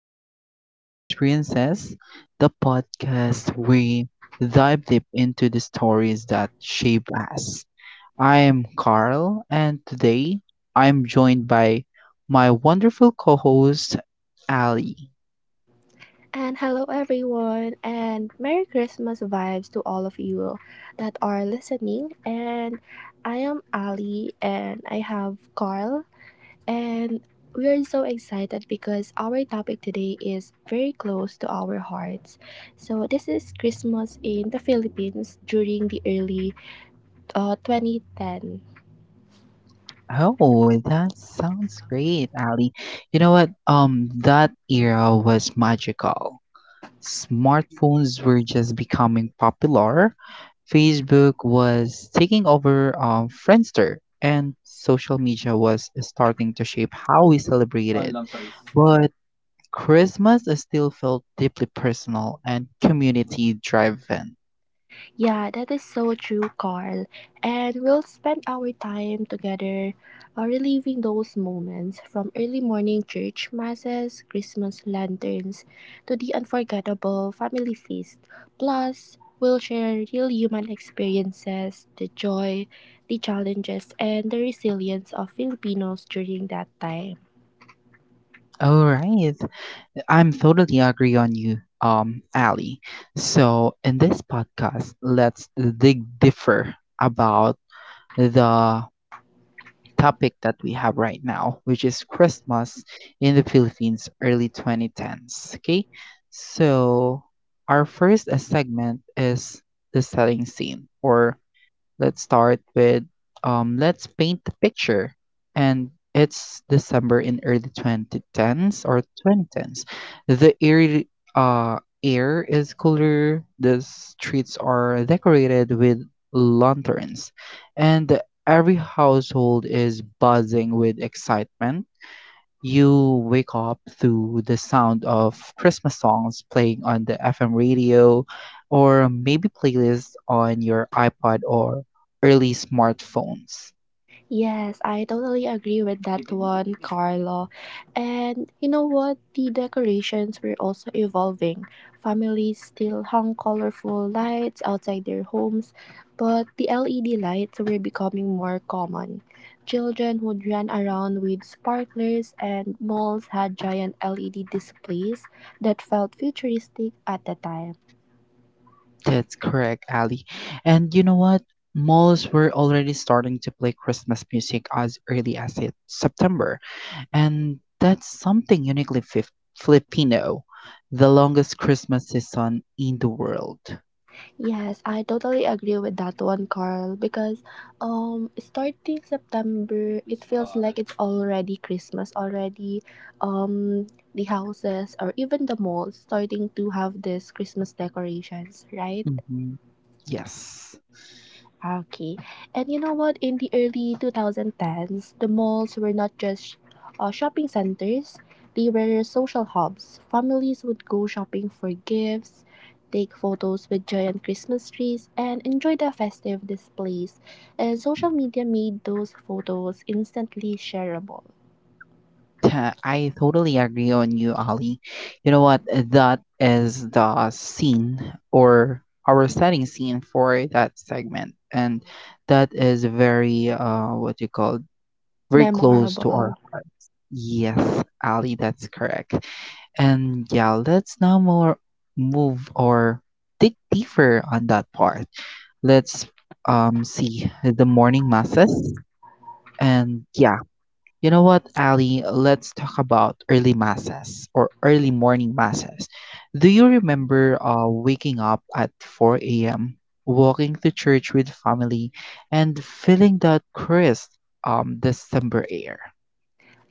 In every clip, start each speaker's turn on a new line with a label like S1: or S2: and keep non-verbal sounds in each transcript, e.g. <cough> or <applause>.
S1: welcome to Human Experiences, the podcast we dive deep into the stories that shape us. I am Carl, and today I'm joined by my wonderful co host, Ali.
S2: And hello, everyone, and Merry Christmas vibes to all of you that are listening. And I am Ali, and I have Carl, and we are so excited because our topic today is very close to our hearts. So, this is Christmas in the Philippines during the early 2010.
S1: Oh, that sounds great, Ali. You know what? That era was magical. Smartphones were just becoming popular, Facebook was taking over Friendster, and social media was starting to shape how we celebrated. But Christmas is still felt deeply personal and community driven.
S2: Yeah, that is so true, Carl. And we'll spend our time together, reliving those moments from early morning church masses, Christmas lanterns, to the unforgettable family feast. Plus, we'll share real human experiences, the joy, the challenges, and the resilience of Filipinos during that time.
S1: All right. I'm totally agree on you, Ali. So in this podcast, let's dig deeper about the topic that we have right now, which is Christmas in the Philippines early 2010s. Okay, so our first segment is the setting scene. Or let's start with let's paint the picture. And it's December in early 2010s or 2010s. The air is cooler, the streets are decorated with lanterns, and every household is buzzing with excitement. You wake up to the sound of Christmas songs playing on the FM radio, or maybe playlists on your iPod or early smartphones.
S2: Yes, I totally agree with that one, Carlo. And you know what? The decorations were also evolving. Families still hung colorful lights outside their homes, but the LED lights were becoming more common. Children would run around with sparklers, and malls had giant LED displays that felt futuristic at the time.
S1: That's correct, Ali. And you know what? Malls were already starting to play Christmas music as early as September, and that's something uniquely Filipino. The longest Christmas season in the world.
S2: Yes, I totally agree with that one, Carl, because starting September, it feels like it's already Christmas already. Um the houses or even the malls starting to have this Christmas decorations, right?
S1: Hmm. Yes.
S2: Okay. And you know what? In the early 2010s, the malls were not just shopping centers, they were social hubs. Families would go shopping for gifts, take photos with giant Christmas trees, and enjoy the festive displays. And social media made those photos instantly shareable,
S1: I totally agree on you, Ali. You know what? That is the scene, or our setting scene for that segment. And that is very, what you call, very close to our
S2: memorable.
S1: hearts. Yes, Ali, that's correct. And yeah, let's now more move, or dig deeper on that part. Let's see the morning masses. And yeah, you know what, Ali, let's talk about early masses, or early morning masses. Do you remember waking up at 4 a.m., walking to church with family and feeling that crisp December air?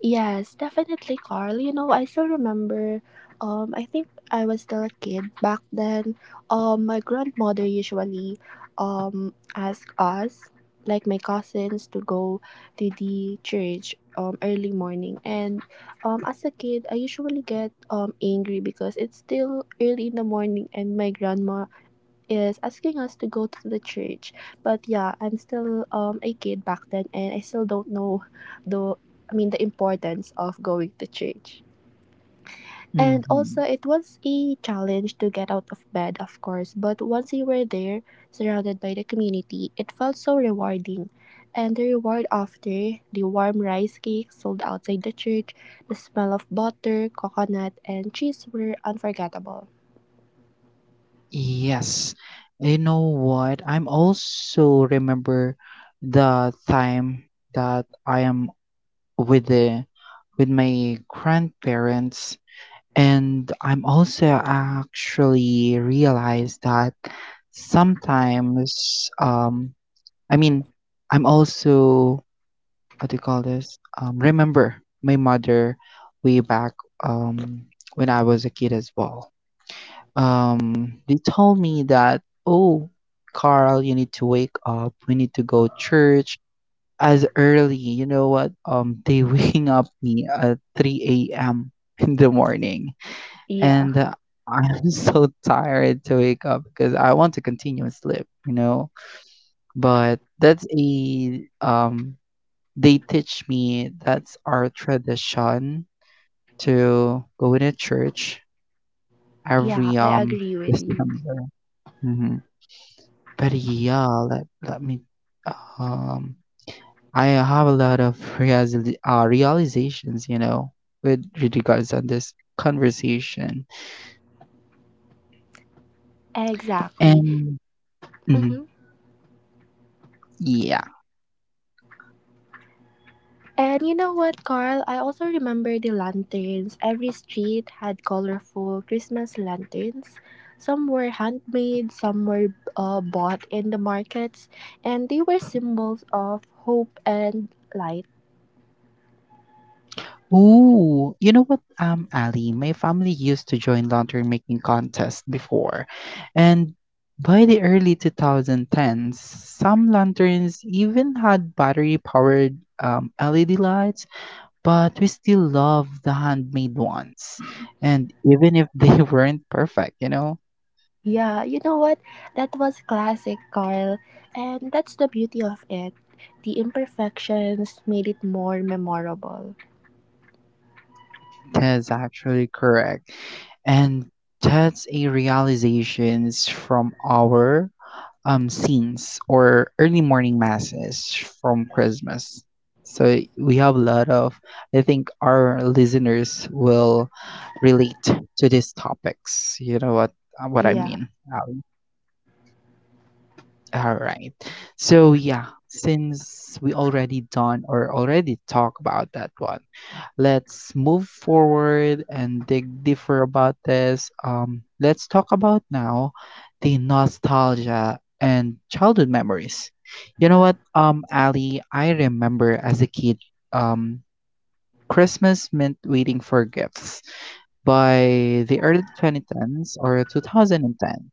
S2: Yes, definitely, Carl. You know, I still remember. I think I was still a kid back then. My grandmother usually asked us, like my cousins, to go to the church early morning. And as a kid, I usually get angry because it's still early in the morning, and my grandma is asking us to go to the church. But yeah, I'm still a kid back then, and I still don't know the I mean the importance of going to church. And
S1: Mm-hmm.
S2: also it was a challenge to get out of bed, of course, but once you were there, surrounded by the community, it felt so rewarding. And the reward after, the warm rice cakes sold outside the church, the smell of butter, coconut, and cheese were unforgettable.
S1: Yes. You know what? I'm also remember the time that I am with the with my grandparents, and I'm also actually realized that sometimes I mean, I'm also what do you call this? Remember my mother way back um when I was a kid as well. Um, they told me that, oh, Carl, you need to wake up. We need to go church as early. You know what? They <laughs> waking up me at 3 a.m. in the morning,
S2: Yeah,
S1: and I'm <laughs> so tired to wake up because I want to continue and sleep. You know, but that's a. They teach me that's our tradition to go in a church
S2: yeah,
S1: every
S2: I agree with you.
S1: December. Mhm. But yeah, let me um I have a lot of realizations, you know, with regards on this conversation.
S2: Exactly.
S1: And mhm,
S2: Hmm.
S1: yeah.
S2: And you know what, Carl? I also remember the lanterns. Every street had colorful Christmas lanterns. Some were handmade, some were bought in the markets, and they were symbols of hope and light.
S1: Ooh, you know what, Ali, my family used to join lantern making contests before. And by the early 2010s, some lanterns even had battery powered LED lights, but we still love the handmade ones. And even if they <laughs> weren't perfect, you know,
S2: Yeah, you know what? That was classic, Carl. And that's the beauty of it. The imperfections made it more memorable.
S1: that's actually correct. And that's a realizations from our scenes or early morning masses from Christmas. So we have a lot of, I think our listeners will relate to these topics. You know what, what I
S2: Yeah.
S1: mean. All right. So yeah, since we already done or already talk about that one, let's move forward and dig deeper about this. Let's talk about now the nostalgia and childhood memories. You know what, Ali, I remember as a kid, um, Christmas meant waiting for gifts. By the early 2010s or 2010,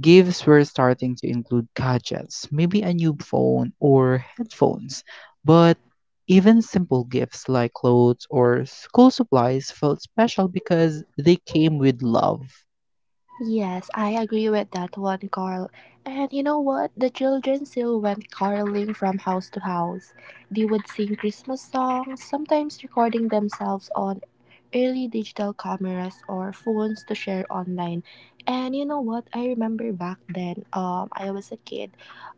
S1: gifts were starting to include gadgets, maybe a new phone or headphones, but even simple gifts like clothes or school supplies felt special because they came with love.
S2: Yes, I agree with that one, Carl. And you know what? The children still went caroling from house to house. They would sing Christmas songs, sometimes recording themselves on early digital cameras or phones to share online. And you know what? I remember back then, I was a kid.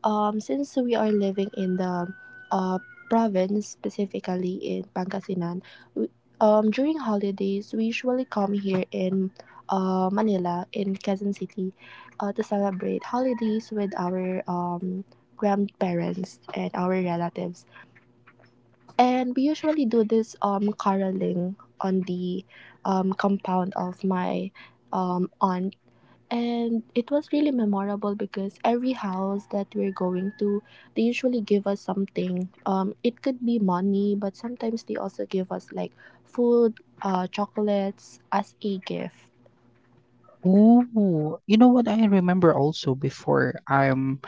S2: Since we are living in the uh, province, specifically in Pangasinan, we, during holidays, we usually come here in Manila, in Quezon City, to celebrate holidays with our grandparents and our relatives. And we usually do this caroling on the compound of my aunt, and it was really memorable because every house that we're going to, they usually give us something. It could be money, but sometimes they also give us like food, chocolates as a gift.
S1: Ooh, you know what, I remember also before I'm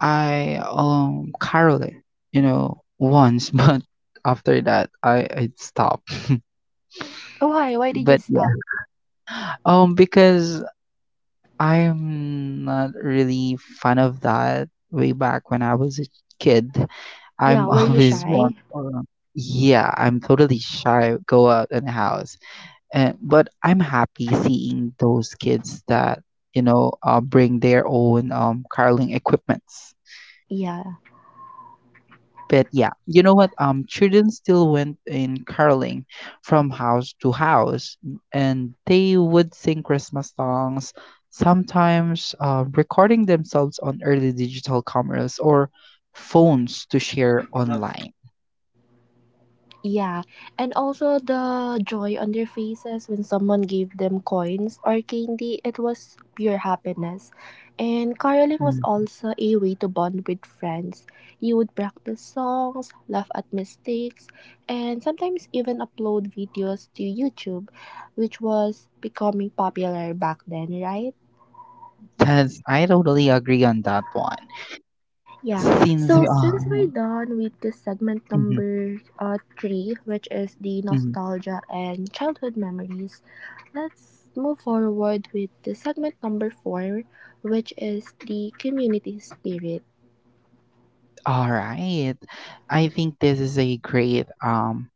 S1: I Carolyn, you know, once, <laughs> but after that I it stopped.
S2: Why did you
S1: But yeah,
S2: stop?
S1: because I'm not really fan of that way back when I was a kid.
S2: Yeah,
S1: I'm <laughs>
S2: were you
S1: always one
S2: shy?
S1: for, yeah, I'm totally shy, go out in the house. And but I'm happy seeing those kids that, you know, bring their own curling equipments.
S2: Yeah.
S1: But yeah, you know what? Children still went in caroling from house to house, and they would sing Christmas songs, sometimes recording themselves on early digital cameras or phones to share online.
S2: Yeah, and also the joy on their faces when someone gave them coins or candy, it was pure happiness. And caroling was
S1: Mm.
S2: also a way to bond with friends. You would practice songs, laugh at mistakes, and sometimes even upload videos to YouTube, which was becoming popular back then, right?
S1: That's I totally agree on that one.
S2: Yeah,
S1: Since we
S2: so since we're done with the segment
S1: mm-hmm,
S2: number three, which is the
S1: mm-hmm.
S2: nostalgia and childhood memories, let's move forward with the segment number four, which is the community spirit.
S1: All right, I think this is a great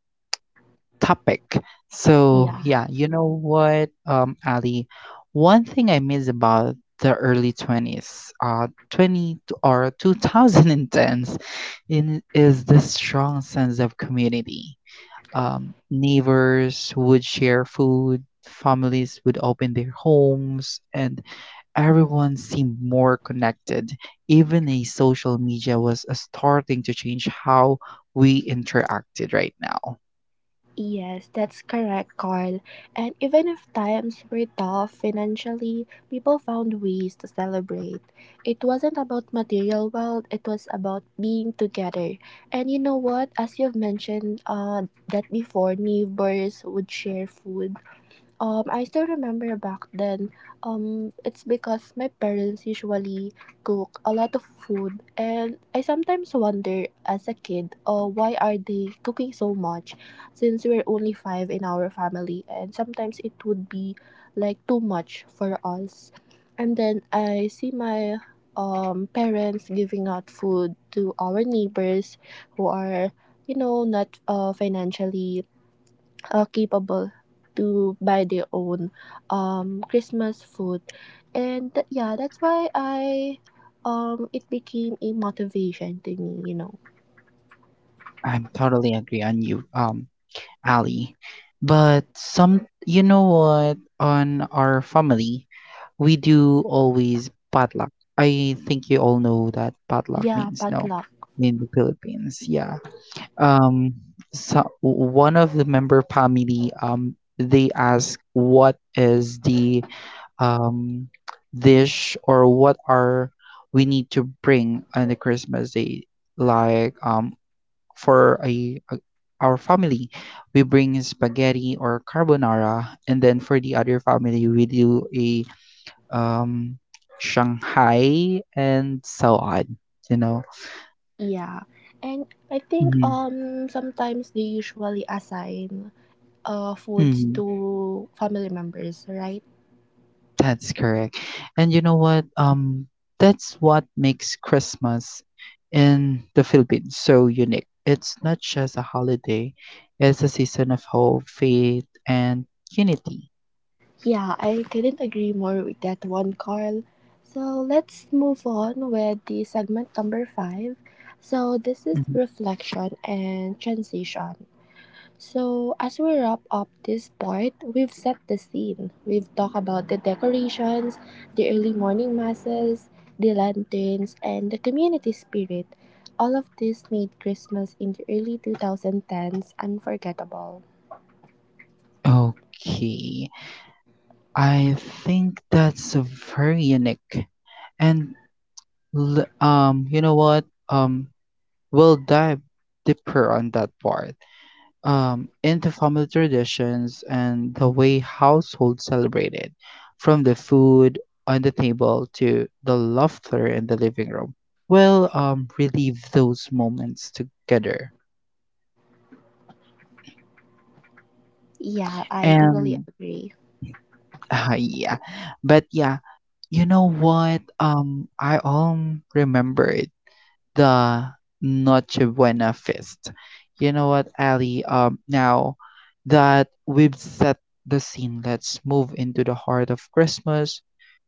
S1: topic. So,
S2: Yeah.
S1: yeah, you know what, Ali? One thing I miss about the early 20s, uh, 20 t- or 2010s, in, is the strong sense of community. Neighbors would share food, families would open their homes, and everyone seemed more connected. Even a social media was starting to change how we interacted right now.
S2: Yes, that's correct, Carl. And even if times were tough financially, people found ways to celebrate. It wasn't about material wealth, it was about being together. And you know what? As you've mentioned, that before, neighbors would share food. I still remember back then. It's because my parents usually cook a lot of food, and I sometimes wonder as a kid, why are they cooking so much? Since we're only five in our family, and sometimes it would be like too much for us. And then I see my parents giving out food to our neighbors who are, you know, not financially capable to buy their own Christmas food, and yeah, that's why I, it became a motivation to me, you know.
S1: I'm totally agree on you, Ali. But some, you know what, on our family, we do always potluck. I think you all know that potluck
S2: Yeah,
S1: means no
S2: potluck.
S1: in the Philippines. Yeah. Um, so one of the member family, they ask what is the um dish, or what are we need to bring on the Christmas day. Like for our family, we bring spaghetti or carbonara, and then for the other family, we do a um, Shanghai and so on. You know,
S2: Yeah, and I think
S1: mm,
S2: sometimes they usually assign foods
S1: mm,
S2: to family members, right?
S1: that's correct. And you know what? That's what makes Christmas in the Philippines so unique. It's not just a holiday; it's a season of hope, faith, and unity.
S2: Yeah, I couldn't agree more with that one, Carl. So let's move on with the segment number five. So this is
S1: Mhm.
S2: reflection and transition. So as we wrap up this part, we've set the scene. We've talked about the decorations, the early morning masses, the lanterns, and the community spirit. All of this made Christmas in the early 2010s unforgettable.
S1: Okay. I think that's a very unique. And you know what? We'll dive deeper on that part. Into family traditions and the way households celebrate it, from the food on the table to the laughter in the living room. We'll relive those moments together.
S2: Yeah, I totally
S1: And
S2: agree.
S1: <laughs> yeah, but yeah, you know what? I remembered the Nochebuena feast. You know what, Ali? Now that we've set the scene, let's move into the heart of Christmas,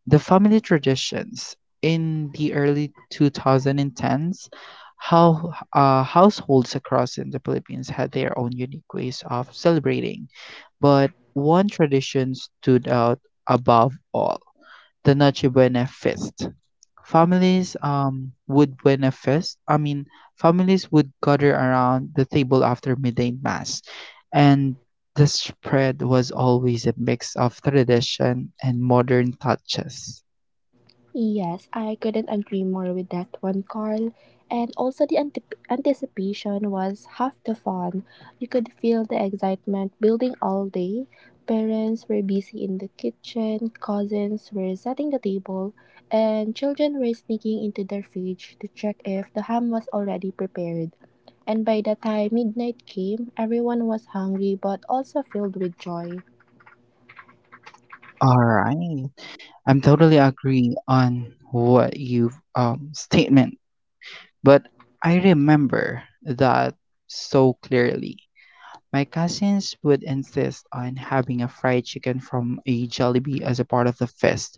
S1: the family traditions. In the early 2010s, how households across in the Philippines had their own unique ways of celebrating, but one tradition stood out above all, the Noche Buena feast. Families would Buena feast. I mean, families would gather around the table after midday mass, and the spread was always a mix of tradition and modern touches.
S2: Yes, I couldn't agree more with that one, Carl. And also, the antip anticipation was half the fun. You could feel the excitement building all day. Parents were busy in the kitchen, cousins were setting the table, and children were sneaking into their fridge to check if the ham was already prepared. And by the time midnight came, everyone was hungry but also filled with joy.
S1: All right, I'm totally agree on what you statement, but I remember that so clearly. My cousins would insist on having a fried chicken from a Jollibee as a part of the feast.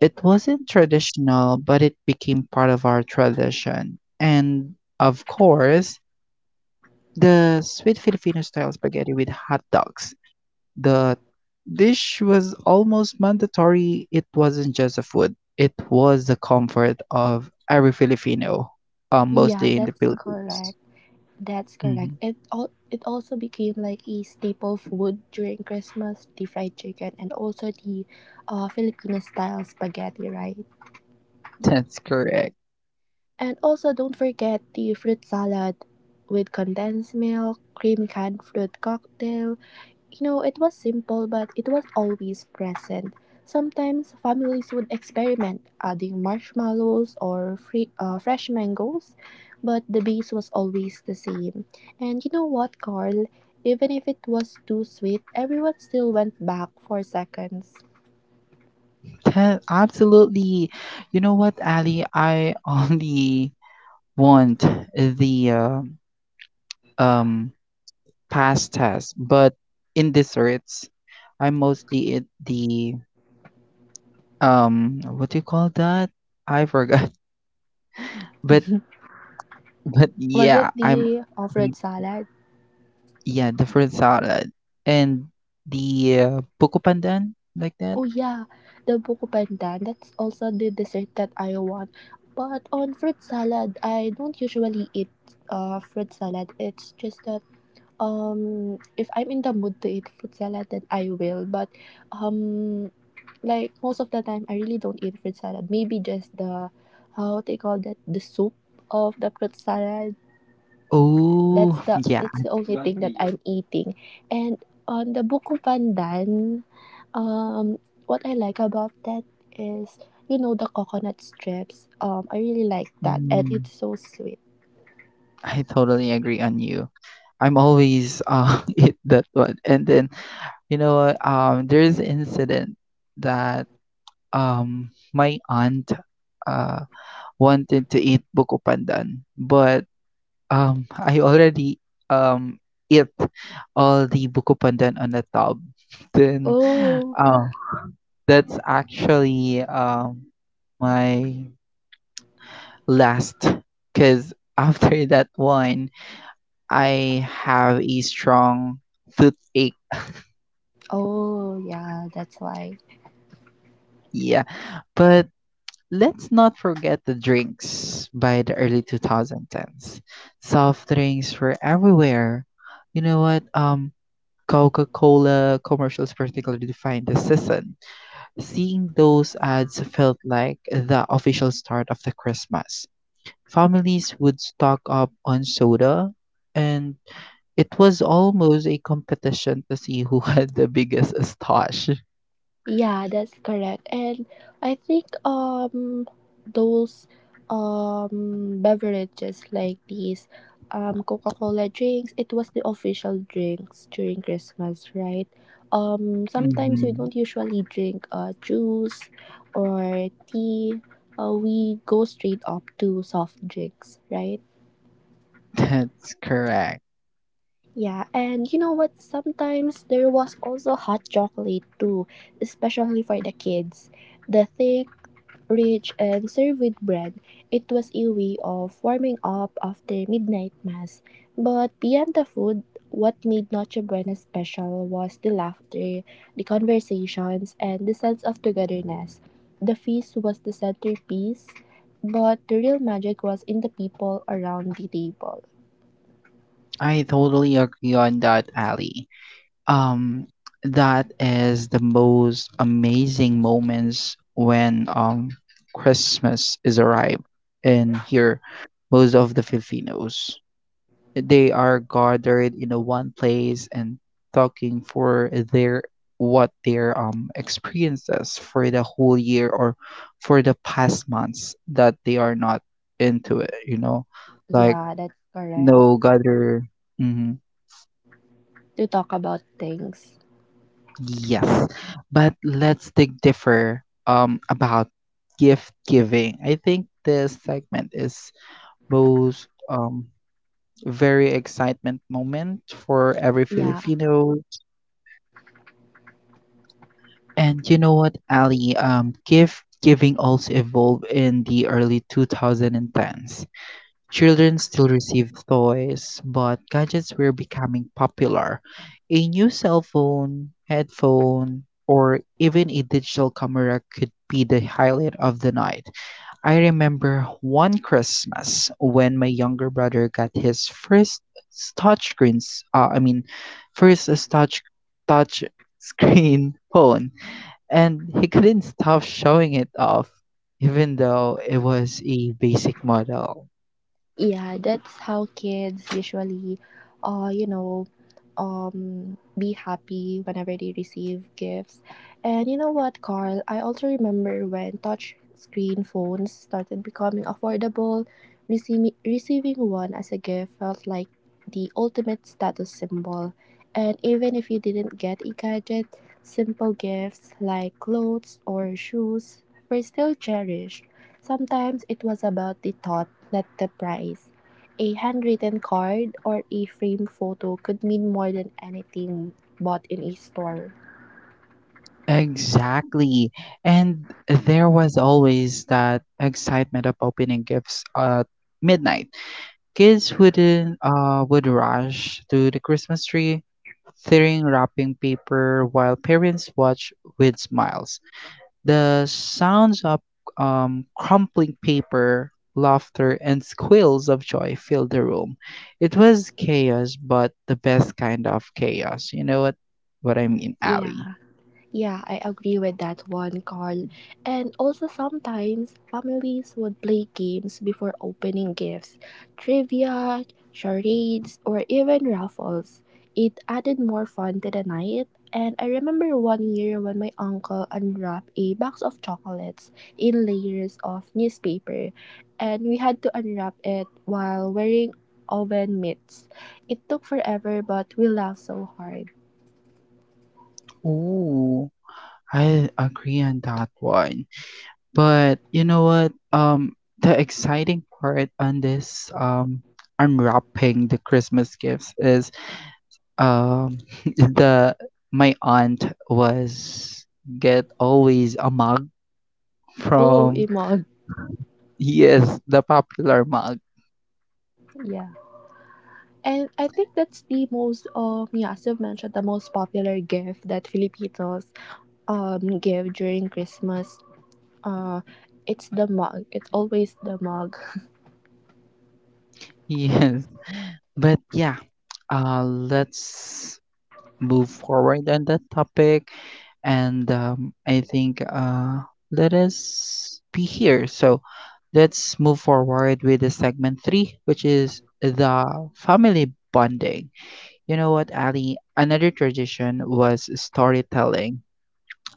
S1: It wasn't traditional, but it became part of our tradition. And of course, the sweet Filipino style spaghetti with hot dogs. The dish was almost mandatory. It wasn't just a food, it was the comfort of every Filipino,
S2: Yeah,
S1: mostly in the
S2: that's
S1: Philippines.
S2: correct. That's correct.
S1: Mhm.
S2: It all, it also became like a staple food during Christmas, the fried chicken and also the Filipino style spaghetti, right?
S1: <laughs> That's correct.
S2: And also don't forget the fruit salad with condensed milk, cream, canned fruit cocktail, you know, it was simple, but it was always present. Sometimes families would experiment, adding marshmallows or fresh mangoes, but the base was always the same. And you know what, Carl? Even if it was too sweet, everyone still went back for seconds.
S1: Absolutely. You know what, Ali? I <laughs> only want the um pastas, but in desserts, I mostly eat the what do you call that? I forgot. <laughs> But
S2: Was it
S1: yeah, I'm
S2: the
S1: mm,
S2: fruit salad?
S1: yeah, the fruit salad and the buko pandan like that.
S2: Oh yeah, the buko pandan. That's also the dessert that I want. But on fruit salad, I don't usually eat fruit salad. It's just that, if I'm in the mood to eat fruit salad, then I will. But um, like most of the time, I really don't eat fruit salad. Maybe just the, how they call that, the soup of the fruit salad. That's
S1: Oh <laughs>
S2: the,
S1: yeah,
S2: that's the only thing that I'm eating. And on the buko pandan, what I like about that is, you know, the coconut strips. I really like that, and
S1: mm,
S2: it's so sweet.
S1: I totally agree on you. I'm always <laughs> eat that one. And then you know what? There's an incident that my aunt uh wanted to eat buko pandan, but I already um eat all the buko pandan on the tub. <laughs> Then
S2: Oh,
S1: um that's actually my last, because after <laughs> that one I have a strong toothache.
S2: oh, yeah, that's why.
S1: Yeah, but let's not forget the drinks by the early 2010s. Soft drinks were everywhere. You know what? Coca-Cola commercials particularly defined the season. Seeing those ads felt like the official start of the Christmas. Families would stock up on soda, and it was almost a competition to see who <laughs> had the biggest stash.
S2: Yeah, that's correct. And I think those beverages like these Coca-Cola drinks, it was the official drinks during Christmas, right? Sometimes we
S1: Mhm.
S2: don't usually drink juice or tea. We go straight up to soft drinks, right?
S1: <laughs> That's correct.
S2: Yeah, and you know what? Sometimes there was also hot chocolate too, especially for the kids. The thick, rich, and served with bread. It was a way of warming up after midnight mass. But beyond the food, what made Noche Buena special was the laughter, the conversations, and the sense of togetherness. The feast was the centerpiece, but the real magic was in the people around the table.
S1: I totally agree on that, Ali. Um, that is the most amazing moments when Christmas is arrived, and here most of the Filipinos. They are gathered in a one place and talking for their what their experiences for the whole year, or for the past months that they are not into it, you know? Like
S2: Yeah, that's correct.
S1: no gather. Mm-hmm.
S2: To talk about things.
S1: Yes, but let's dig differ about gift giving. I think this segment is most very excitement moment for every
S2: Yeah.
S1: Filipino. And you know what, Ali? Gift giving also evolved in the early 2010s. Children still received toys, but gadgets were becoming popular. A new cell phone, headphone, or even a digital camera could be the highlight of the night. I remember one Christmas when my younger brother got his s- touchscreens, uh, I mean, first touch screen <laughs> phone, and he couldn't stop showing it off, even though it was a basic model.
S2: Yeah, that's how kids usually, you know, be happy whenever they receive gifts. And you know what, Carl? I also remember when touch screen phones started becoming affordable, receiving one as a gift felt like the ultimate status symbol. And even if you didn't get a gadget, simple gifts like clothes or shoes were still cherished. Sometimes it was about the thought, not the price. A handwritten card or a framed photo could mean more than anything bought in a store.
S1: Exactly. And there was always that excitement of opening gifts at midnight. Kids wouldn't would rush to the Christmas tree, tearing wrapping paper while parents watched with smiles. The sounds of crumpling paper, laughter, and squeals of joy filled the room. It was chaos, but the best kind of chaos. You know what, I mean, Ali?
S2: Yeah. Yeah, I agree with that one, Carl. And also, sometimes families would play games before opening gifts, trivia, charades, or even raffles. It added more fun to the night. And I remember one year when my uncle unwrapped a box of chocolates in layers of newspaper, and we had to unwrap it while wearing oven mitts. It took forever, but we laughed so hard.
S1: Ooh, I agree on that one. But you know what? The exciting part on this unwrapping the Christmas gifts is um <laughs> the my aunt was get always a mug
S2: Oh,
S1: from.
S2: Imog.
S1: Yes, the popular mug.
S2: <laughs> Yeah. And I think that's the most, yeah, as you've mentioned, the most popular gift that Filipinos give during Christmas. Uh, it's the mug. It's always the mug.
S1: <laughs> Yes, but yeah, let's move forward on that topic. And I think let us be here. So let's move forward with the segment three, which is the family bonding. You know what, Ali? Another tradition was storytelling.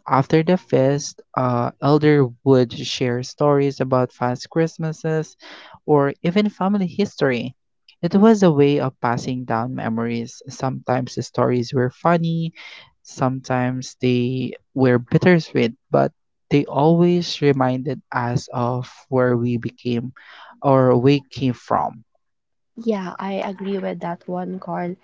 S1: After the feast, elder would share stories about past Christmases or even family history. It was a way of passing down memories. Sometimes the stories were funny, sometimes they were bittersweet, but they always reminded us of where we became or we came from.
S2: Yeah, I agree with that one, Carl.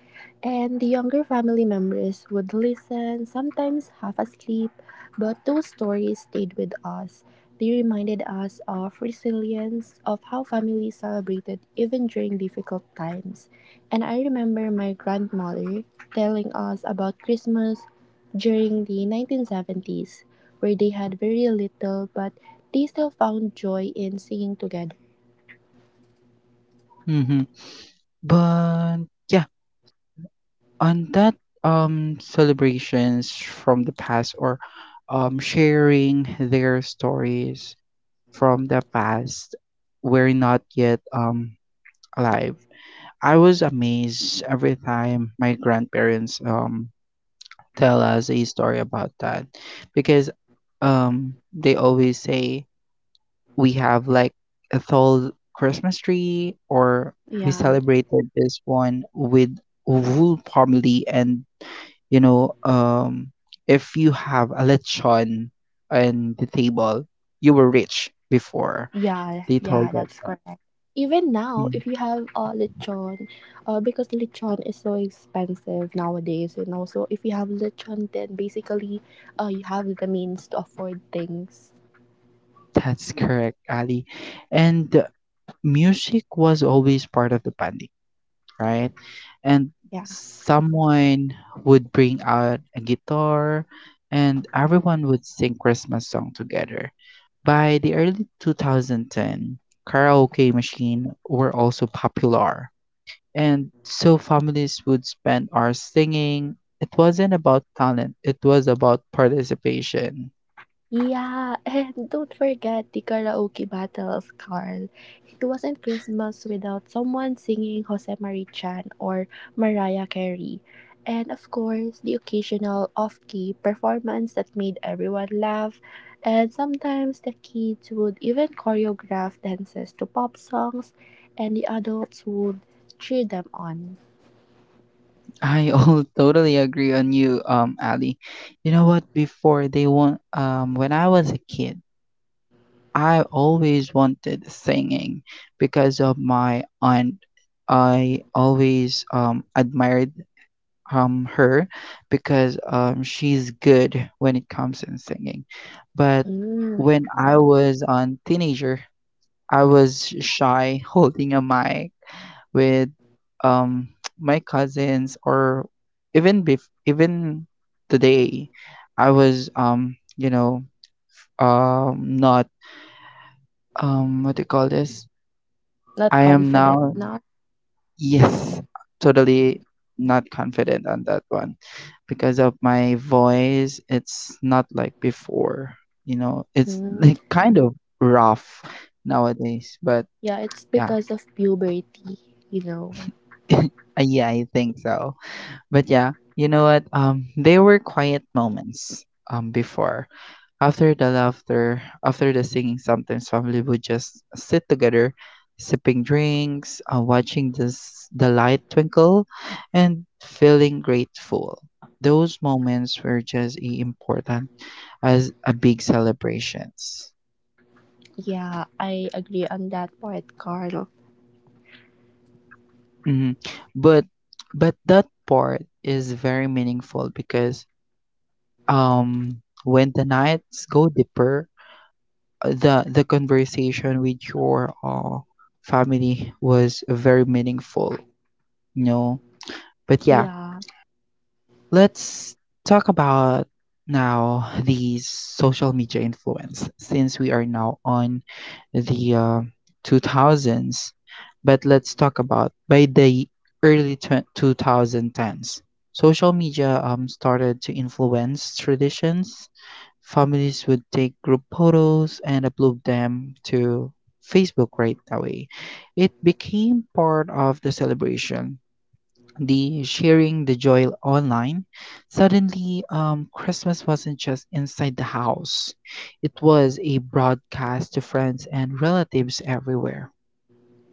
S2: And the younger family members would listen, sometimes half asleep, but those stories stayed with us. They reminded us of resilience, of how families celebrated even during difficult times. And I remember my grandmother telling us about Christmas during the 1970s, where they had very little, but they still found joy in singing together.
S1: Mhm. But yeah, on that celebrations from the past or sharing their stories from the past were not yet alive. I was amazed every time my grandparents tell us a story about that, because they always say we have like a tall Christmas tree, or we
S2: Yeah.
S1: celebrated this one with whole family. And you know, if you have a lechon on the table, you were rich before,
S2: Yeah,
S1: they told
S2: yeah,
S1: that
S2: that's correct. Even now,
S1: Mm,
S2: if you have lechon, because lechon is so expensive nowadays, you know. So if you have lechon, then basically, you have the means to afford things.
S1: that's correct, Ali. And music was always part of the panic, right? And
S2: Yeah.
S1: someone would bring out a guitar, and everyone would sing Christmas song together. By the early 2010, karaoke machine were also popular. And so families would spend hours singing. It wasn't about talent, it was about participation.
S2: Yeah, <laughs> and don't forget the karaoke battles, Carl. It wasn't Christmas without someone singing Jose Marichan or Mariah Carey. And of course, the occasional off key performance that made everyone laugh. And sometimes the kids would even choreograph dances to pop songs, and the adults would cheer them on.
S1: I all <laughs> totally agree on you, Ali. You know what? When I was a kid, I always wanted singing because of my aunt. I always admired her because she's good when it comes in singing. But
S2: Mm,
S1: when I was on teenager, I was shy <laughs> holding a mic with um <tsk> my cousins, or even today I was you know, not what do you call this?
S2: not
S1: I am
S2: confident.
S1: now,
S2: Not.
S1: yes, totally not confident on that one because of my voice. It's not like before, you know. It's
S2: Mm,
S1: like kind of rough nowadays, but
S2: yeah, it's
S1: yeah.
S2: because of puberty, you know.
S1: <laughs> Yeah, I think so. But yeah, you know what? They were quiet moments. Before, after the laughter, after the singing, sometimes family would just sit together, sipping drinks, watching this the light twinkle, and feeling grateful. Those moments were just important as a big celebrations.
S2: Yeah, I agree on that part, Carl.
S1: Hmm. But but that part is very meaningful because um when the nights go deeper, the conversation with your family was very meaningful, you know. But yeah,
S2: Yeah,
S1: let's talk about now the social media influence, since we are now on the 2000s. But let's talk about by the early tw 2010s. Social media started to influence traditions. Families would take group photos and upload them to Facebook right away. It became part of the celebration, the sharing the joy online. Suddenly Christmas wasn't just inside the house, it was a broadcast to friends and relatives everywhere.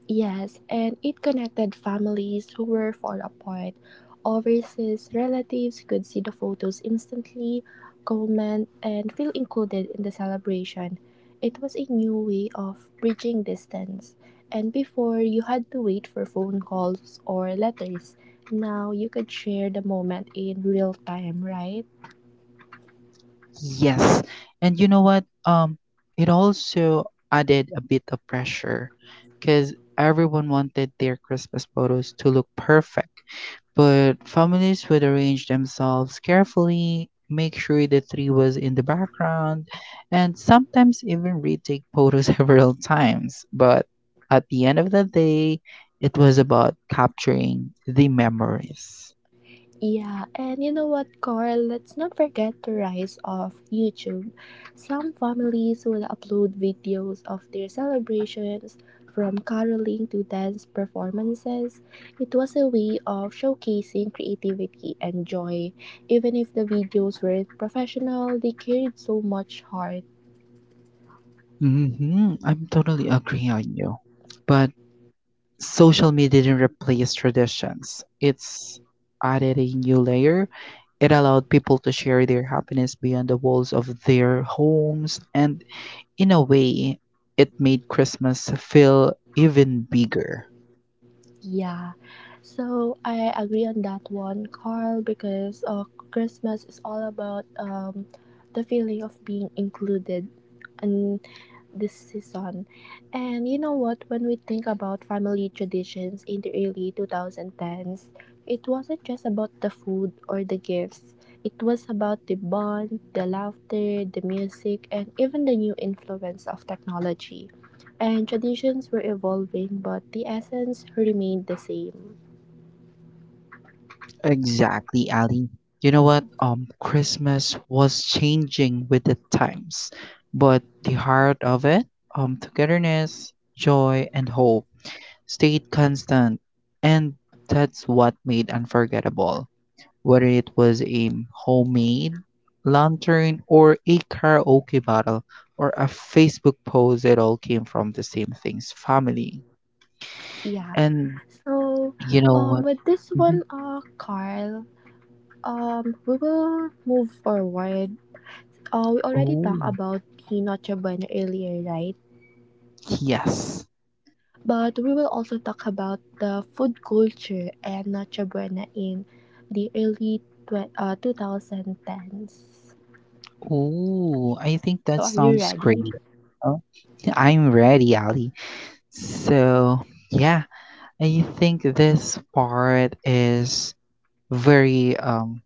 S2: yes, and it connected families who were far apart. Overseas relatives could see the photos instantly, comment, and feel included in the celebration. It was a new way of bridging distance. And before, you had to wait for phone calls or letters. Now you could share the moment in real time, right?
S1: Yes. And you know what? It also added a bit of pressure because everyone wanted their Christmas photos to look perfect. But families would arrange themselves carefully, make sure the tree was in the background, and sometimes even retake photos <laughs> several times. But at the end of the day, it was about capturing the memories.
S2: Yeah, and you know what, Carl? Let's not forget the rise of YouTube. Some families will upload videos of their celebrations, from caroling to dance performances. It was a way of showcasing creativity and joy. Even if the videos weren't professional, they carried so much heart.
S1: Hmm. I'm totally agree on you. But social media didn't replace traditions. It's added a new layer. It allowed people to share their happiness beyond the walls of their homes. And in a way, it made Christmas feel even bigger.
S2: Yeah, so I agree on that one, Carl, because Christmas is all about the feeling of being included in this season. And you know what? When we think about family traditions in the early 2010s, it wasn't just about the food or the gifts. It was about the bond, the laughter, the music, and even the new influence of technology, and traditions were evolving, but the essence remained the same.
S1: Exactly, Ali. You know what? Christmas was changing with the times, but the heart of it, togetherness, joy, and hope stayed constant. And that's what made unforgettable. Whether it was a homemade lantern or a karaoke battle or a Facebook post, it all came from the same things, family.
S2: Yeah.
S1: And
S2: So,
S1: you know what?
S2: with this
S1: Mhm.
S2: one, Carl, we will move forward. We already talked
S1: Oh,
S2: about the Noche Buena earlier, right?
S1: yes.
S2: But we will also talk about the food culture and Noche Buena in the early 2010s.
S1: Oh, I think that
S2: So, are you
S1: sounds
S2: ready?
S1: great. Oh, I'm ready, Ali. So, yeah, I think this part is very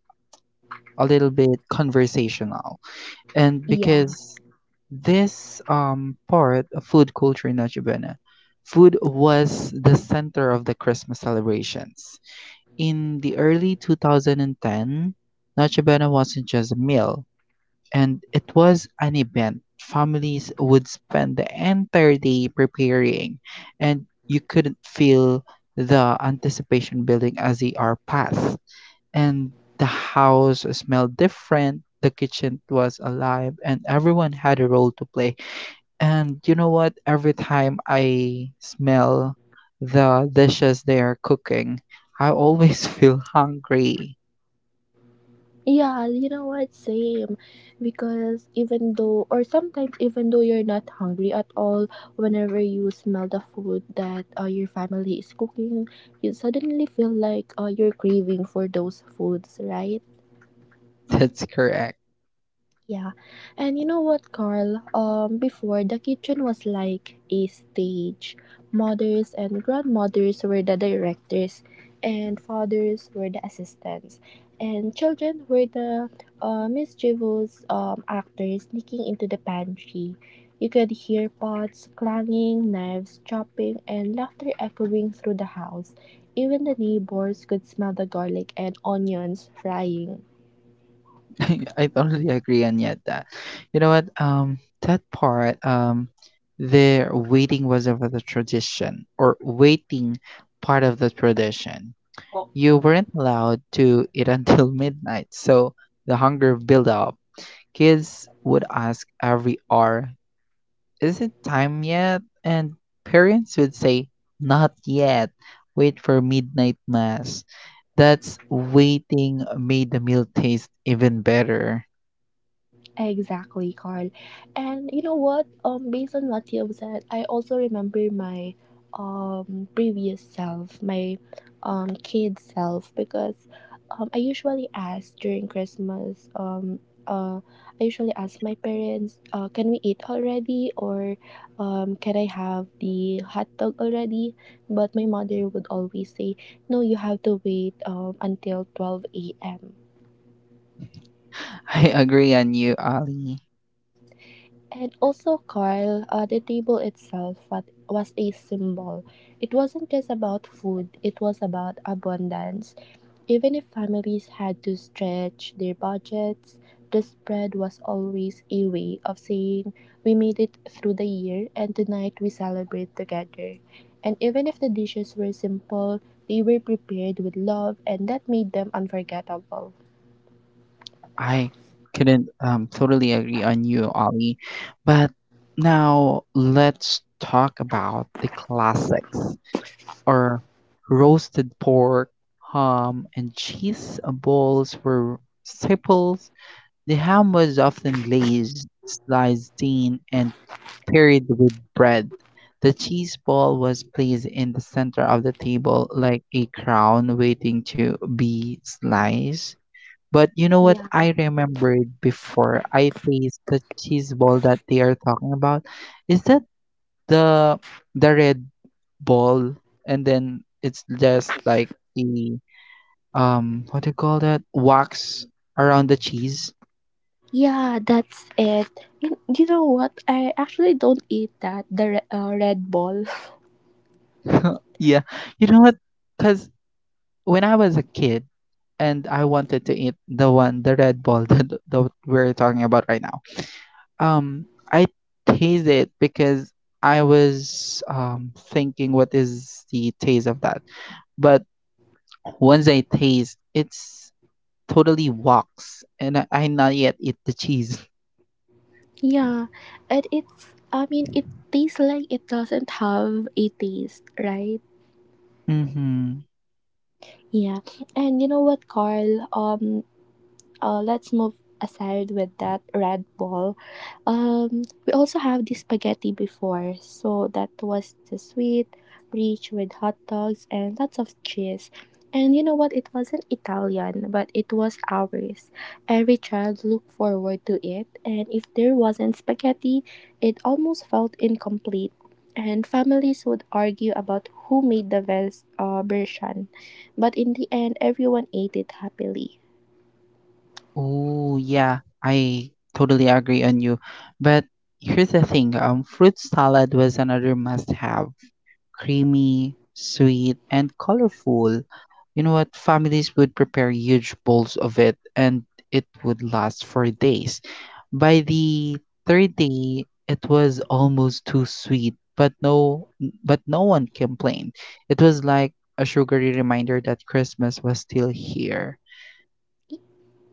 S1: a little bit conversational. And
S2: Yeah.
S1: because this part of food culture in Noche Buena, food was the center of the Christmas celebrations. In the early 2010, Noche Buena wasn't just a meal, and it was an event. Families would spend the entire day preparing, and you couldn't feel the anticipation building as the hour passed. And the house smelled different, the kitchen was alive, and everyone had a role to play. And you know what? Every time I smell the dishes they are cooking, I always <laughs> feel hungry.
S2: Yeah, you know what? Same. Because even though, or sometimes even though you're not hungry at all, whenever you smell the food that your family is cooking, you suddenly feel like you're craving for those foods, right?
S1: That's correct.
S2: Yeah. And you know what, Carl? Before the kitchen was like a stage. Mothers and grandmothers were the directors, and fathers were the assistants, and children were the mischievous actors sneaking into the pantry. You could hear pots clanging, knives chopping, and laughter echoing through the house. Even the neighbors could smell the garlic and onions frying.
S1: <laughs> I totally agree on yet that. You know what? That part, their waiting was over the tradition, or waiting part of the tradition. You weren't allowed to eat until <laughs> midnight, so the hunger built up. Kids would ask every hour, "Is it time yet?" And parents would say, "Not yet. Wait for midnight mass." That's waiting made the meal taste even better.
S2: Exactly, Carl. And you know what? Based on what you have said, I also remember my previous self, my kid self, because I usually ask during Christmas uh I usually ask my parents, can we eat already or can I have the hot dog already? But my mother would always say, no, you have to wait until 12 a.m.
S1: I agree on you, Ali.
S2: And also, Carl, the was a symbol. It wasn't just about food, it was about abundance. Even if families had to stretch their budgets, the spread was always a way of saying, we made it through the year, and tonight we celebrate together. And even if the dishes were simple, they were prepared with love, and that made them unforgettable.
S1: I couldn't totally agree on you, Ali. But now let's talk about the classics, or roasted pork, ham, and cheese balls were staples. The ham was often glazed, sliced thin, and paired with bread. The cheese ball was placed in the center of the table like a crown waiting to be sliced. But you know what
S2: Yeah.
S1: I remembered before I taste the cheese ball that they are talking about? Is that the the red ball, and then it's just like the what do you call that? Wax around the cheese.
S2: Yeah, that's it. You know what? I actually don't eat that, the Red Bull. <laughs>
S1: <laughs> Yeah. You know what? Cause when I was a kid and I wanted to eat the one, the red ball <laughs> that, we're talking about right now. Um, I taste it because I was thinking what is the taste of that. But once I taste, it's totally wax, and I not yet eat the cheese. <laughs>
S2: Yeah, and it's, I mean, it tastes like it doesn't have a taste, right?
S1: Mm-hmm.
S2: Yeah, and you know what, Carl? Let's move aside with that red ball. We also have the spaghetti before, so that was the sweet, rich with hot dogs and lots of cheese. And you know what? It wasn't Italian, but it was ours. Every child looked forward to it, and if there wasn't spaghetti, it almost felt incomplete. And families would argue about who made the best version, but in the end, everyone ate it happily.
S1: Oh yeah, I totally agree on you. But here's the thing, fruit salad was another must-have. Creamy, sweet, and colorful. You know what? Families would prepare huge bowls of it, and it would last for days. By the third day, it was almost too sweet, but no one complained. It was like a sugary reminder that Christmas was still here.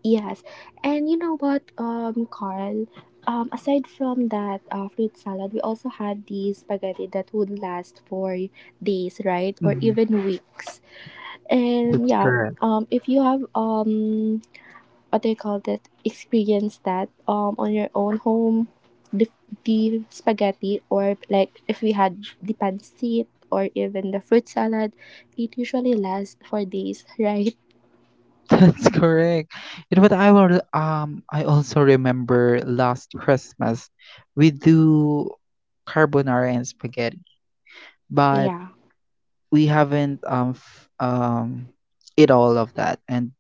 S2: Yes, and you know what, Carl? Aside from that fruit salad, we also had the spaghetti that would last for days, right, or
S1: Mhm.
S2: even weeks. And
S1: That's
S2: yeah,
S1: correct.
S2: if you have what do you call that? Experience that on your own home, the the spaghetti or like if we had the pancit or even the fruit salad, it usually lasts for days, <laughs> right?
S1: <laughs> That's correct. You know what? I also remember last Christmas we do carbonara and spaghetti, but
S2: Yeah.
S1: we haven't eat all of that, and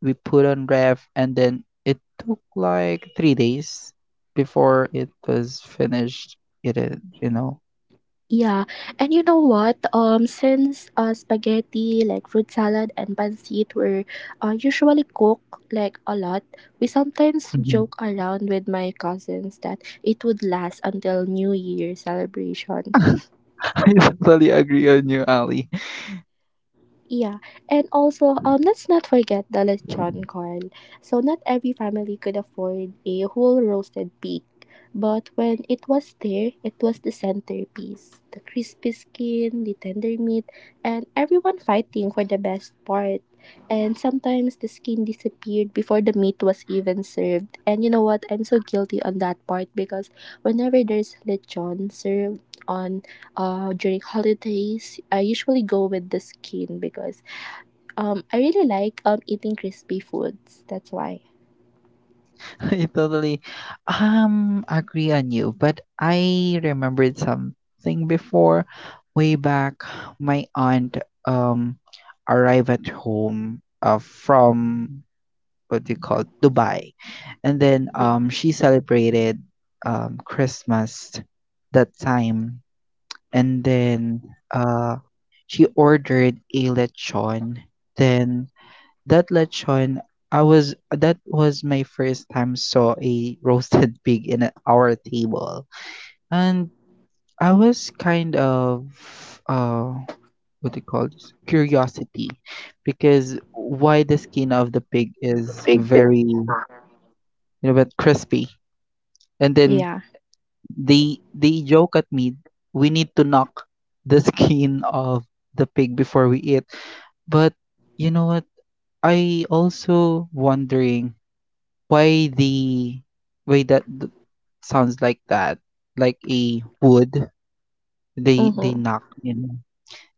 S1: we put on ref, and then it took like three days before it was finished. It is, you know.
S2: Yeah, and you know what? Since spaghetti, like fruit salad and pancit were usually cooked like a lot, we sometimes
S1: Mhm.
S2: joke around with my cousins that it would last until New Year celebration.
S1: <laughs> I totally agree on you, Ali.
S2: Yeah, and also let's not forget the lechon corn. So not every family could afford a whole roasted pig, but when it was there, it was the centerpiece. The crispy skin, the tender meat, and everyone fighting for the best part. And sometimes the skin disappeared before the meat was even served. And you know what? I'm so guilty on that part because whenever there's lechon served on during holidays, I usually go with the skin because I really like eating crispy foods. That's why.
S1: <laughs> I totally agree on you, but I remembered something before, way back. My aunt um arrived at home from what do you call it, Dubai. And then
S2: Y-
S1: she celebrated Christmas that time, and then uh she ordered a lechon. Then that lechon, I was that was my first time saw a roasted <laughs> pig in our table. And I was kind of uh what do you call this, curiosity, because why the skin of the pig is very, you know, but crispy. And then
S2: Yeah.
S1: they joke at me, we need to knock the <laughs> skin of the pig before we eat. But you know what? I also wondering why the way sounds like that, like a wood they
S2: Mm-hmm.
S1: knock in.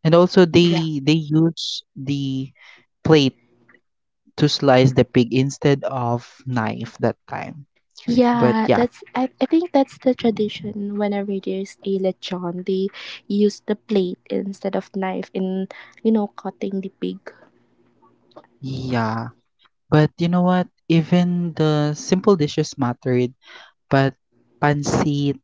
S1: And also
S2: Yeah.
S1: they use the plate to slice the pig instead of knife that time. But
S2: Yeah,
S1: yeah.
S2: that's I think that's the tradition whenever there's a lechon, they use the plate instead of knife in, you know, cutting the pig.
S1: Yeah. But you know what? Even the simple dishes mattered, but pancit,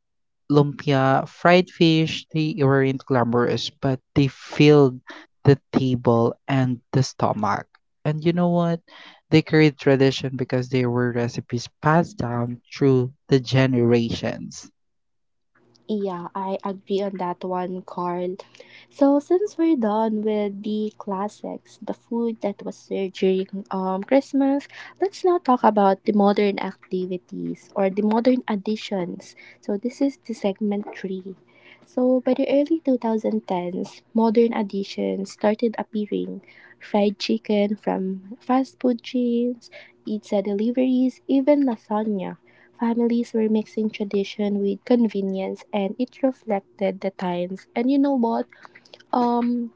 S1: lumpia, fried fish, they weren't glamorous, but they filled the table and the stomach. And you know what? They carried tradition because they were recipes passed down through the generations.
S2: Yeah, I agree on that one, Carl. So since we're done with the classics, the food that was served during Christmas, let's now talk about the modern activities or the modern additions. So this is the segment three. So by the early 2010s, modern additions started appearing. Fried chicken from fast food chains, pizza deliveries, even lasagna. Families were mixing tradition with convenience and it reflected the times. And you know what? Um,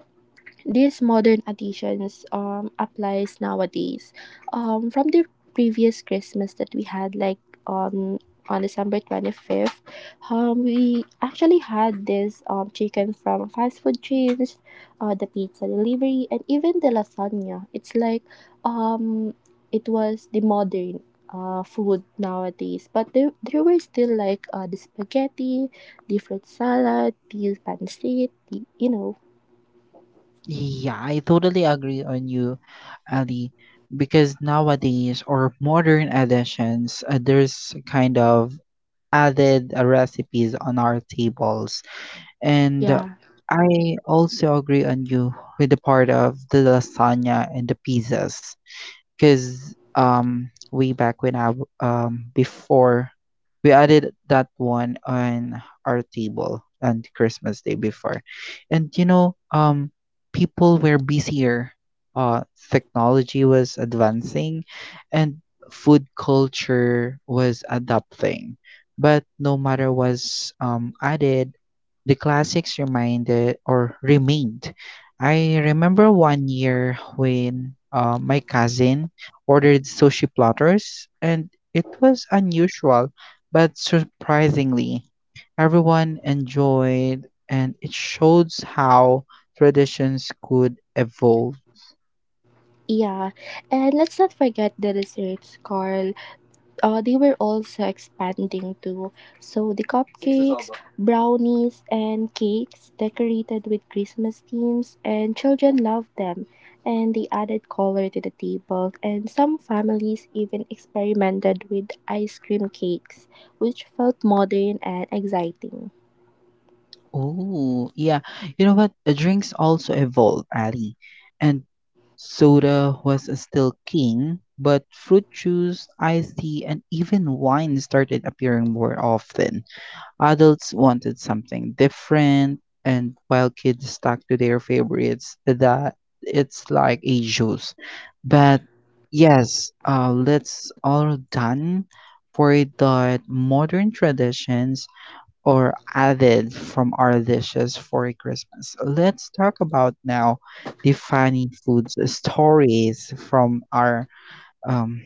S2: these modern additions applies nowadays. From the previous Christmas that we had, like um, on December 25th, we actually had this chicken from fast food chains, the pizza delivery, and even the lasagna. It's like um, it was the modern food nowadays, but there were still like the spaghetti, the fruit salad, the pancit, the you know,
S1: Yeah, I totally agree on you, Ali, because nowadays, or modern editions, there's kind of added recipes on our tables. And
S2: yeah.
S1: I also agree on you with the part of the lasagna and the pizzas. 'Cause, way back when I w before we added that one on our table on Christmas Day before. And you know, people were busier. Uh, Technology was advancing, and food culture was adapting. But no matter was added, the classics reminded or remained. I remember one year when my cousin ordered sushi platters, and it was unusual, but surprisingly, everyone enjoyed, and it shows how traditions could evolve.
S2: Yeah, and let's not forget the desserts, Carl. They were also expanding too. So the cupcakes, brownies, and cakes decorated with Christmas themes, and children loved them. And they added color to the table, and some families even experimented with ice cream cakes, which felt modern and exciting.
S1: Oh, yeah. You know what? Drinks also evolved, Ali. And soda was still king, but fruit juice, iced tea, and even wine started appearing more often. Adults wanted something different, and while kids stuck to their favorites, that it's like a juice. But yes, let's all done for that modern traditions or added from our dishes for Christmas. Let's talk about now the funny food stories from our um,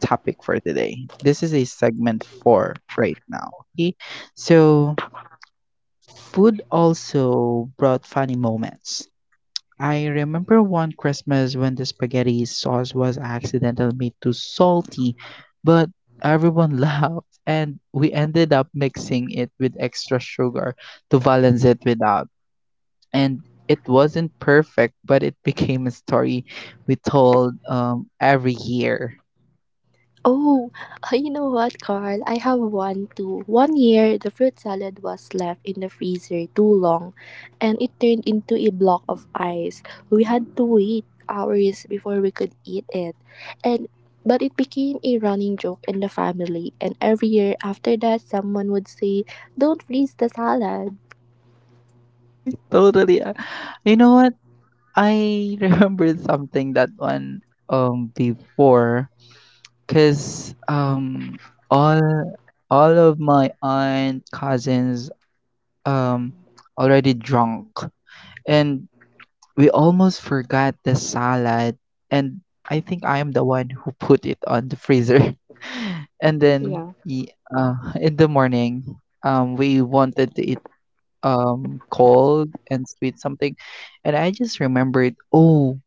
S1: topic for today. This is a segment four right now. Okay, so food also brought funny moments. I remember one Christmas when the spaghetti sauce was accidentally made too salty, but everyone <laughs> laughed and we ended up mixing it with extra sugar to balance it without. And it wasn't perfect, but it <laughs> became a story we told every year.
S2: Oh, <laughs> you know what, Carl? I have one too. One year, the fruit salad was left in the freezer too long and it turned into a block of ice. We had to wait hours before we could eat it. And but it became a running joke in the family and every year after that someone would say, "Don't freeze the salad."
S1: <laughs> I totally, you know what? I <laughs> remembered something that one before. 'Cause, all all of my aunt, cousins, um, already drunk, and we almost forgot the salad, and I think I am the one who put it on the freezer. <laughs> And then, y- uh, <laughs> in the morning, we wanted to eat, cold and sweet something, and I just remembered, oh,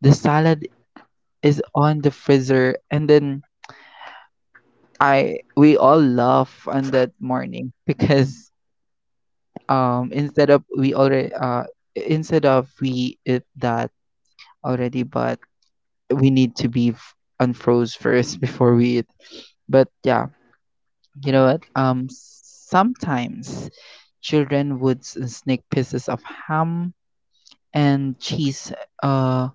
S1: the salad is on the freezer, and then I we all laugh on that morning <laughs> because instead of we already instead of we eat that already but we need to be unfroze first <laughs> before we eat. But yeah, you know what? Sometimes children would sneak pieces of ham and cheese uh.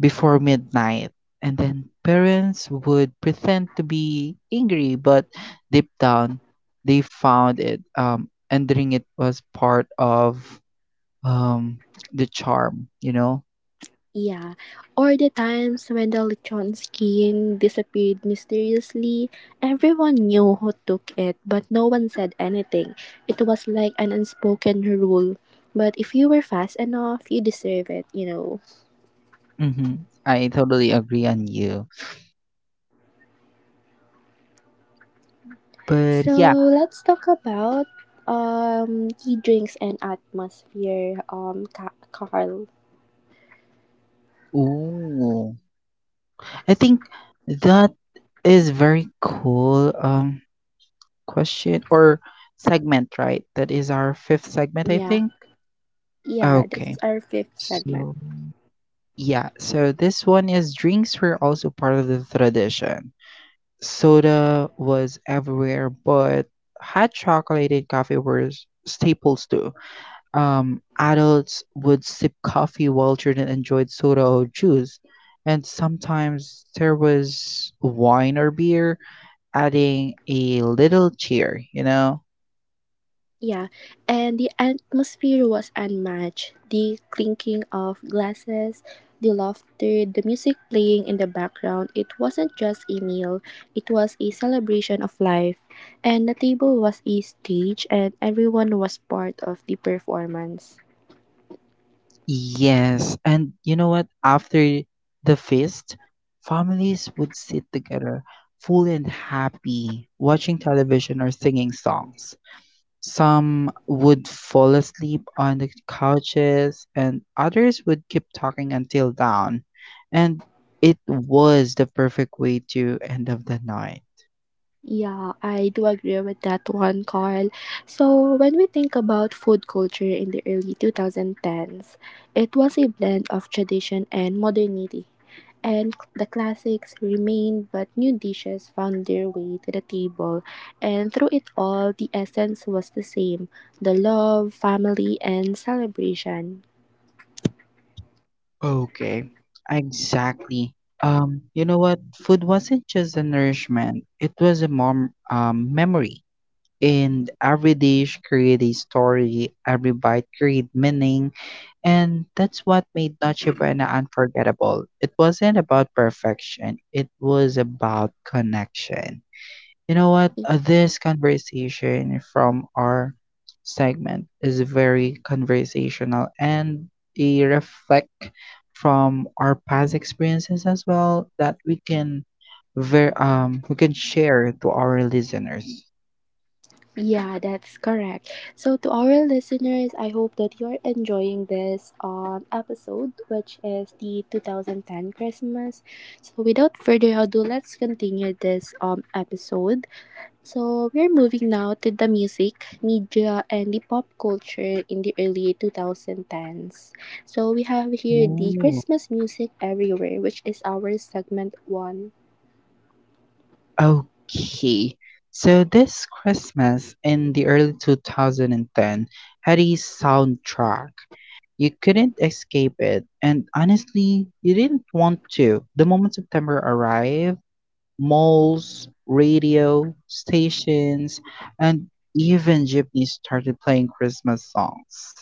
S1: before midnight. And then parents would pretend to be angry, but deep down, they found it. Ending it was part of um, the charm, you know?
S2: Yeah, or the times when the lechon skin disappeared mysteriously. Everyone knew who took it, but no one said anything. It was like an unspoken rule. But if you were fast enough, you deserve it, you know.
S1: Hmm. I totally agree on you. But
S2: So
S1: yeah,
S2: let's talk about tea drinks and atmosphere. Carl.
S1: ooh, I think that is very cool, question or segment, right? That is our fifth segment, I
S2: Yeah,
S1: think.
S2: yeah. This
S1: Okay.
S2: is our fifth segment.
S1: So, yeah, so this one is drinks were also part of the tradition. Soda was everywhere, but hot chocolate and coffee were staples too. Adults would sip coffee while children enjoyed soda or juice, and sometimes there was wine or beer, adding a little cheer, you know?
S2: Yeah, and the atmosphere was unmatched. The clinking of glasses, the laughter, the music playing in the background. It wasn't just a meal, it was a celebration of life. And the table was a stage, and everyone was part of the performance.
S1: Yes, and you know what? After the feast, families would sit together, full and happy, watching television or singing songs. Some would fall asleep on the couches, and others would keep talking until dawn. And it was the perfect way to end of the night.
S2: Yeah, I do agree with that one, Carl. So, when we think about food culture in the early 2010s, it was a blend of tradition and modernity, and the classics remained, but new dishes found their way to the table. And through it all, the essence was the same, the love, family, and celebration.
S1: Okay, exactly. You know what? Food wasn't just a nourishment, it was a mom memory. And every dish create a story, every bite create meaning, and that's what made Noche Buena unforgettable. It wasn't about perfection, it was about connection. You know what? This conversation from our segment is very conversational and a reflect from our past experiences as well that we can we can share to our listeners.
S2: Yeah, that's correct. So, to our listeners, I hope that you're enjoying this episode, which is the 2010 Christmas. So, without further ado, let's continue this episode. So we're moving now to the music, media, and the pop culture in the early 2010s. So we have here the
S1: Ooh.
S2: Christmas music everywhere, which is our segment one.
S1: Okay. So this Christmas in the early 2010 had a soundtrack. You couldn't escape it, and honestly, you didn't want to. The moment September arrived, malls, radio stations, and even jeepneys started playing Christmas songs.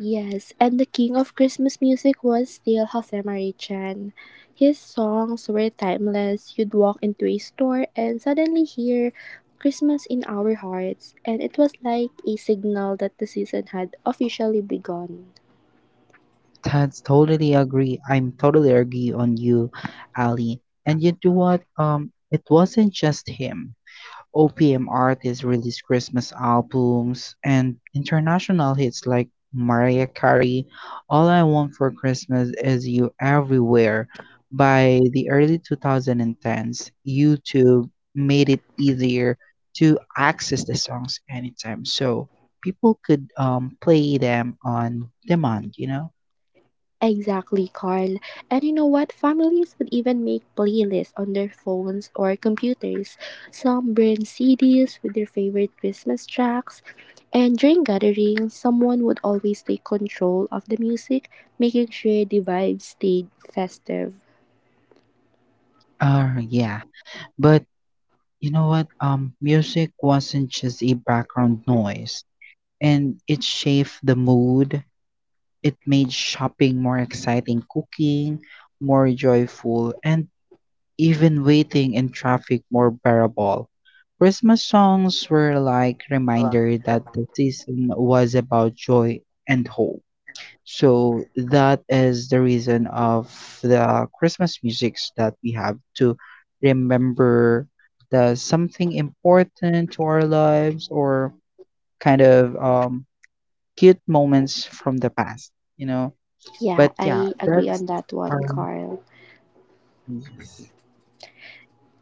S2: Yes, and the king of Christmas music was still Jose Marichan. His songs were timeless. You'd walk into a store and suddenly hear Christmas in our hearts, and it was like a signal that the season had officially begun.
S1: That's totally agree. I'm totally agree on you, Ali. And you know what? It wasn't just him. OPM artists release Christmas albums and international hits like Mariah Carey, All I Want for Christmas Is You Everywhere. By the early 2010s, YouTube made it easier to access the songs anytime, so people could, play them on demand, you know?
S2: Exactly, Carl. And you know what? Families would even make playlists on their phones or computers. Some burn CDs with their favorite Christmas tracks. And during gatherings, someone would always take control of the music, making sure the vibe stayed festive.
S1: Yeah. But you know what? Music wasn't just a background noise, and it shaped the mood. It made shopping more exciting, cooking more joyful, and even waiting in traffic more bearable. Christmas songs were like reminder that the season was about joy and hope. So that is the reason of the Christmas musics that we have to remember the something important to our lives or kind of, cute moments from the past. You know,
S2: Yeah,
S1: but yeah,
S2: I agree
S1: that's,
S2: on that one,
S1: um,
S2: Carl.
S1: yes.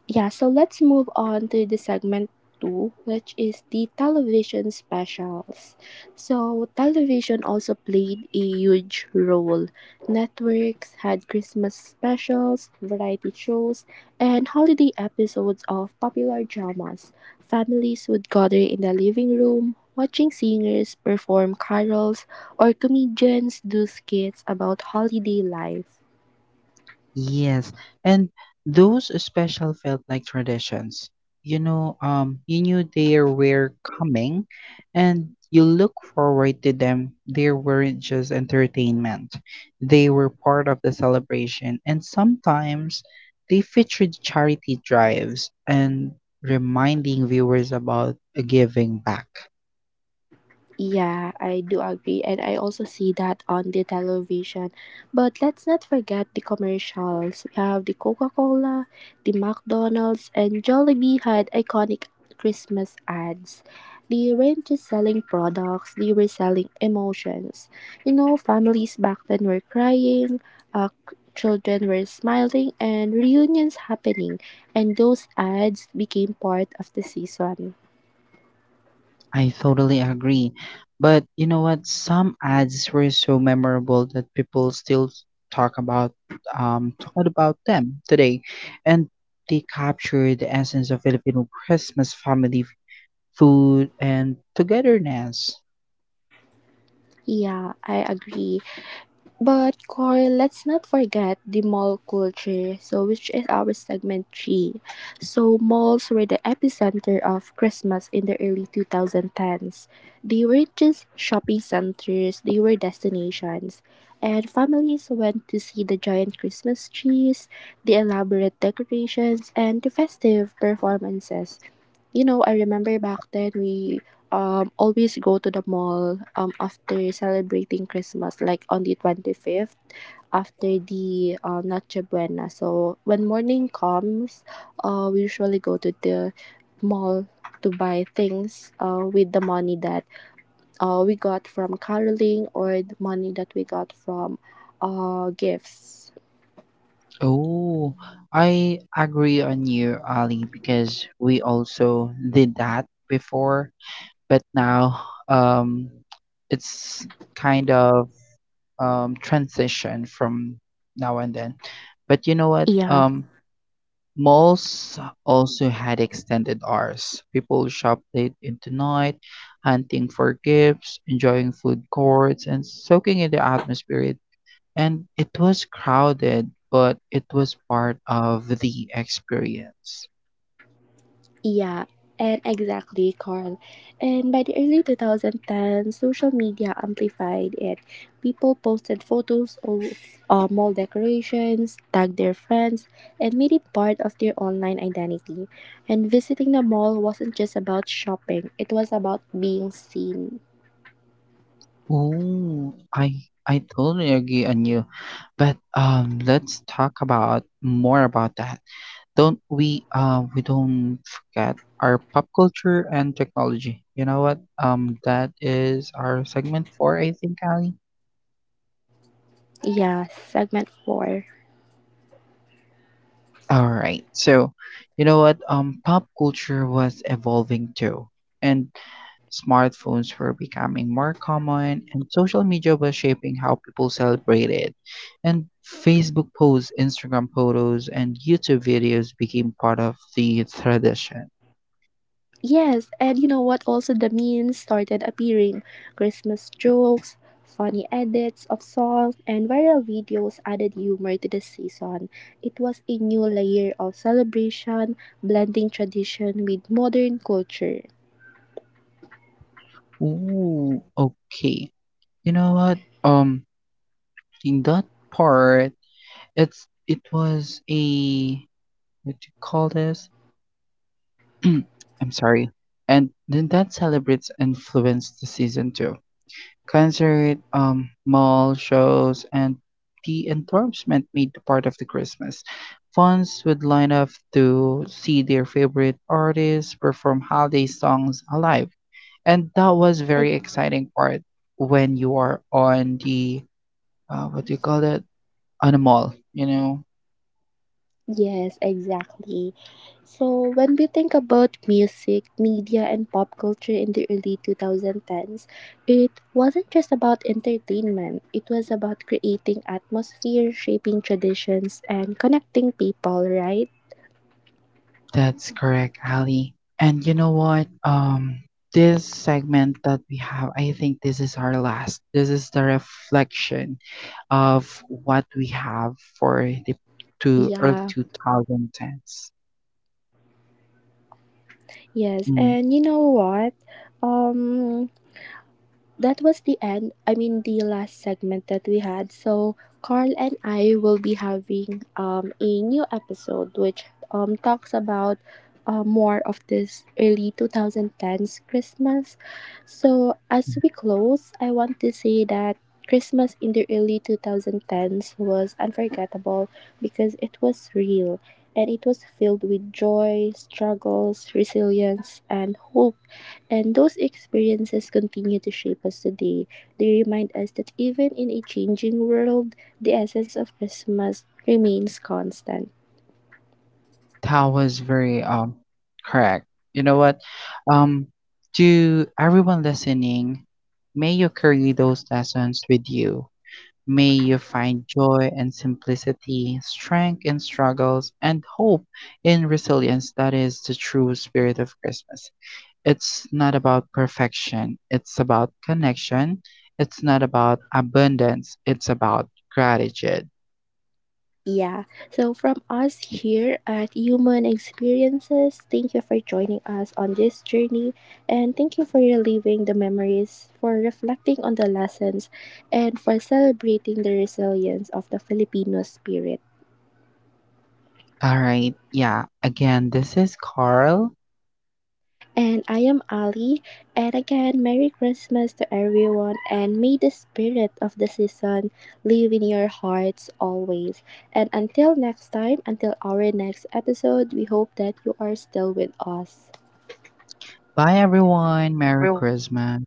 S2: Yeah, so let's move on to the segment two, which is the television specials. So, television also played a huge role. Networks had Christmas specials, variety shows, and holiday episodes of popular dramas. Families would gather in the living room, watching singers perform carols or comedians do skits about holiday life.
S1: Yes. And those special felt like traditions. You know, you knew they were coming and you look forward to them. They weren't just entertainment. They were part of the celebration and sometimes they featured charity drives and reminding viewers about giving back.
S2: Yeah, I do agree, and I also see that on the television. But let's not forget the commercials. We have the Coca Cola, the McDonald's, and Jollibee had iconic Christmas ads. They weren't just selling products, they were selling emotions. You know, families back then were crying, children were smiling, and reunions happening, and those ads became part of the season.
S1: I totally agree. But you know what? Some ads were so memorable that people still talk about, talk about them today. And they capture the essence of Filipino Christmas family food and togetherness.
S2: Yeah, I agree. But Corey, let's not forget the mall culture, so which is our segment three. So malls were the epicenter of Christmas in the early 2010s. They were just shopping centers; they were destinations, and families went to see the giant Christmas trees, the elaborate decorations, and the festive performances. You know, I remember back then we always go to the mall after celebrating Christmas, like on the 25th after the Noche Buena. So when morning comes, we usually go to the mall to buy things with the money that we got from caroling or the money that we got from gifts.
S1: Oh, I agree on you, Ali, because we also did that before, but now um it's kind of, transition from now and then. But you know what?
S2: Yeah.
S1: Malls also had extended hours. People shop late into night, hunting for gifts, enjoying food courts, and soaking in the atmosphere. And it was crowded, but it was part of the experience.
S2: Yeah, and exactly, Carl. And by the early 2010, social media amplified it. People posted photos of mall decorations, tagged their friends, and made it part of their online identity. And visiting the mall wasn't just about shopping, it was about being seen.
S1: Oh, I totally agree on you. But let's talk about more about that. Don't we, we don't forget our pop culture and technology. You know what? That is our segment for I think, Ali.
S2: Yeah, segment 4.
S1: All right. So, you know what? Pop culture was evolving too, and smartphones were becoming more common, and social media was shaping how people celebrated. And Facebook posts, Instagram photos, and YouTube videos became part of the tradition.
S2: Yes, and you know what? Also, the memes started appearing. Christmas jokes, funny edits of songs, and viral videos added humor to the season. It was a new layer of celebration, blending tradition with modern culture.
S1: Ooh, okay. You know what? In that part, it was a what do you call this? <clears throat> I'm sorry. And then that celebrates influenced the season too. Concert, mall shows, and the endorsement made the part of the Christmas. Fans would line up to see their favorite artists perform holiday songs alive, and that was very exciting part when you are on the, what do you call that on a mall, you know.
S2: Yes, exactly. So when we think about music, media, and pop culture in the early 2010s, it wasn't just about entertainment. It was about creating atmosphere, shaping traditions, and connecting people, right?
S1: That's correct, Ali. And you know what? This segment that we have, I think this is our last. This is the reflection of what we have for the to early
S2: Yeah,
S1: 2010s.
S2: yes.
S1: Mm,
S2: And you know what? Um, that was the end. I mean, the last segment that we had. So Carl and I will be having a new episode which talks about more of this early 2010s Christmas. So as we close, I want to say that Christmas in the early 2010s was unforgettable because it was real and it was filled with joy, struggles, resilience, and hope. And those experiences continue to shape us today. They remind us that even in a changing world, the essence of Christmas remains constant.
S1: that was very correct. You know what? Um, to everyone listening, may you carry those lessons with you. May you find joy and simplicity, strength in struggles, and hope in resilience. That is the true spirit of Christmas. It's not about perfection, it's about connection. It's not about abundance, it's about gratitude.
S2: Yeah. So, from us here at Human Experiences, thank you for joining us on this journey and thank you for reliving the memories, for reflecting on the lessons, and for celebrating the resilience of the Filipino spirit.
S1: All right, yeah, again, this is Carl.
S2: And I am Ali. And again, Merry Christmas to everyone. And may the spirit of the season live in your hearts always. And until next time, until our next episode, we hope that you are still with us.
S1: Bye, everyone. Merry Christmas.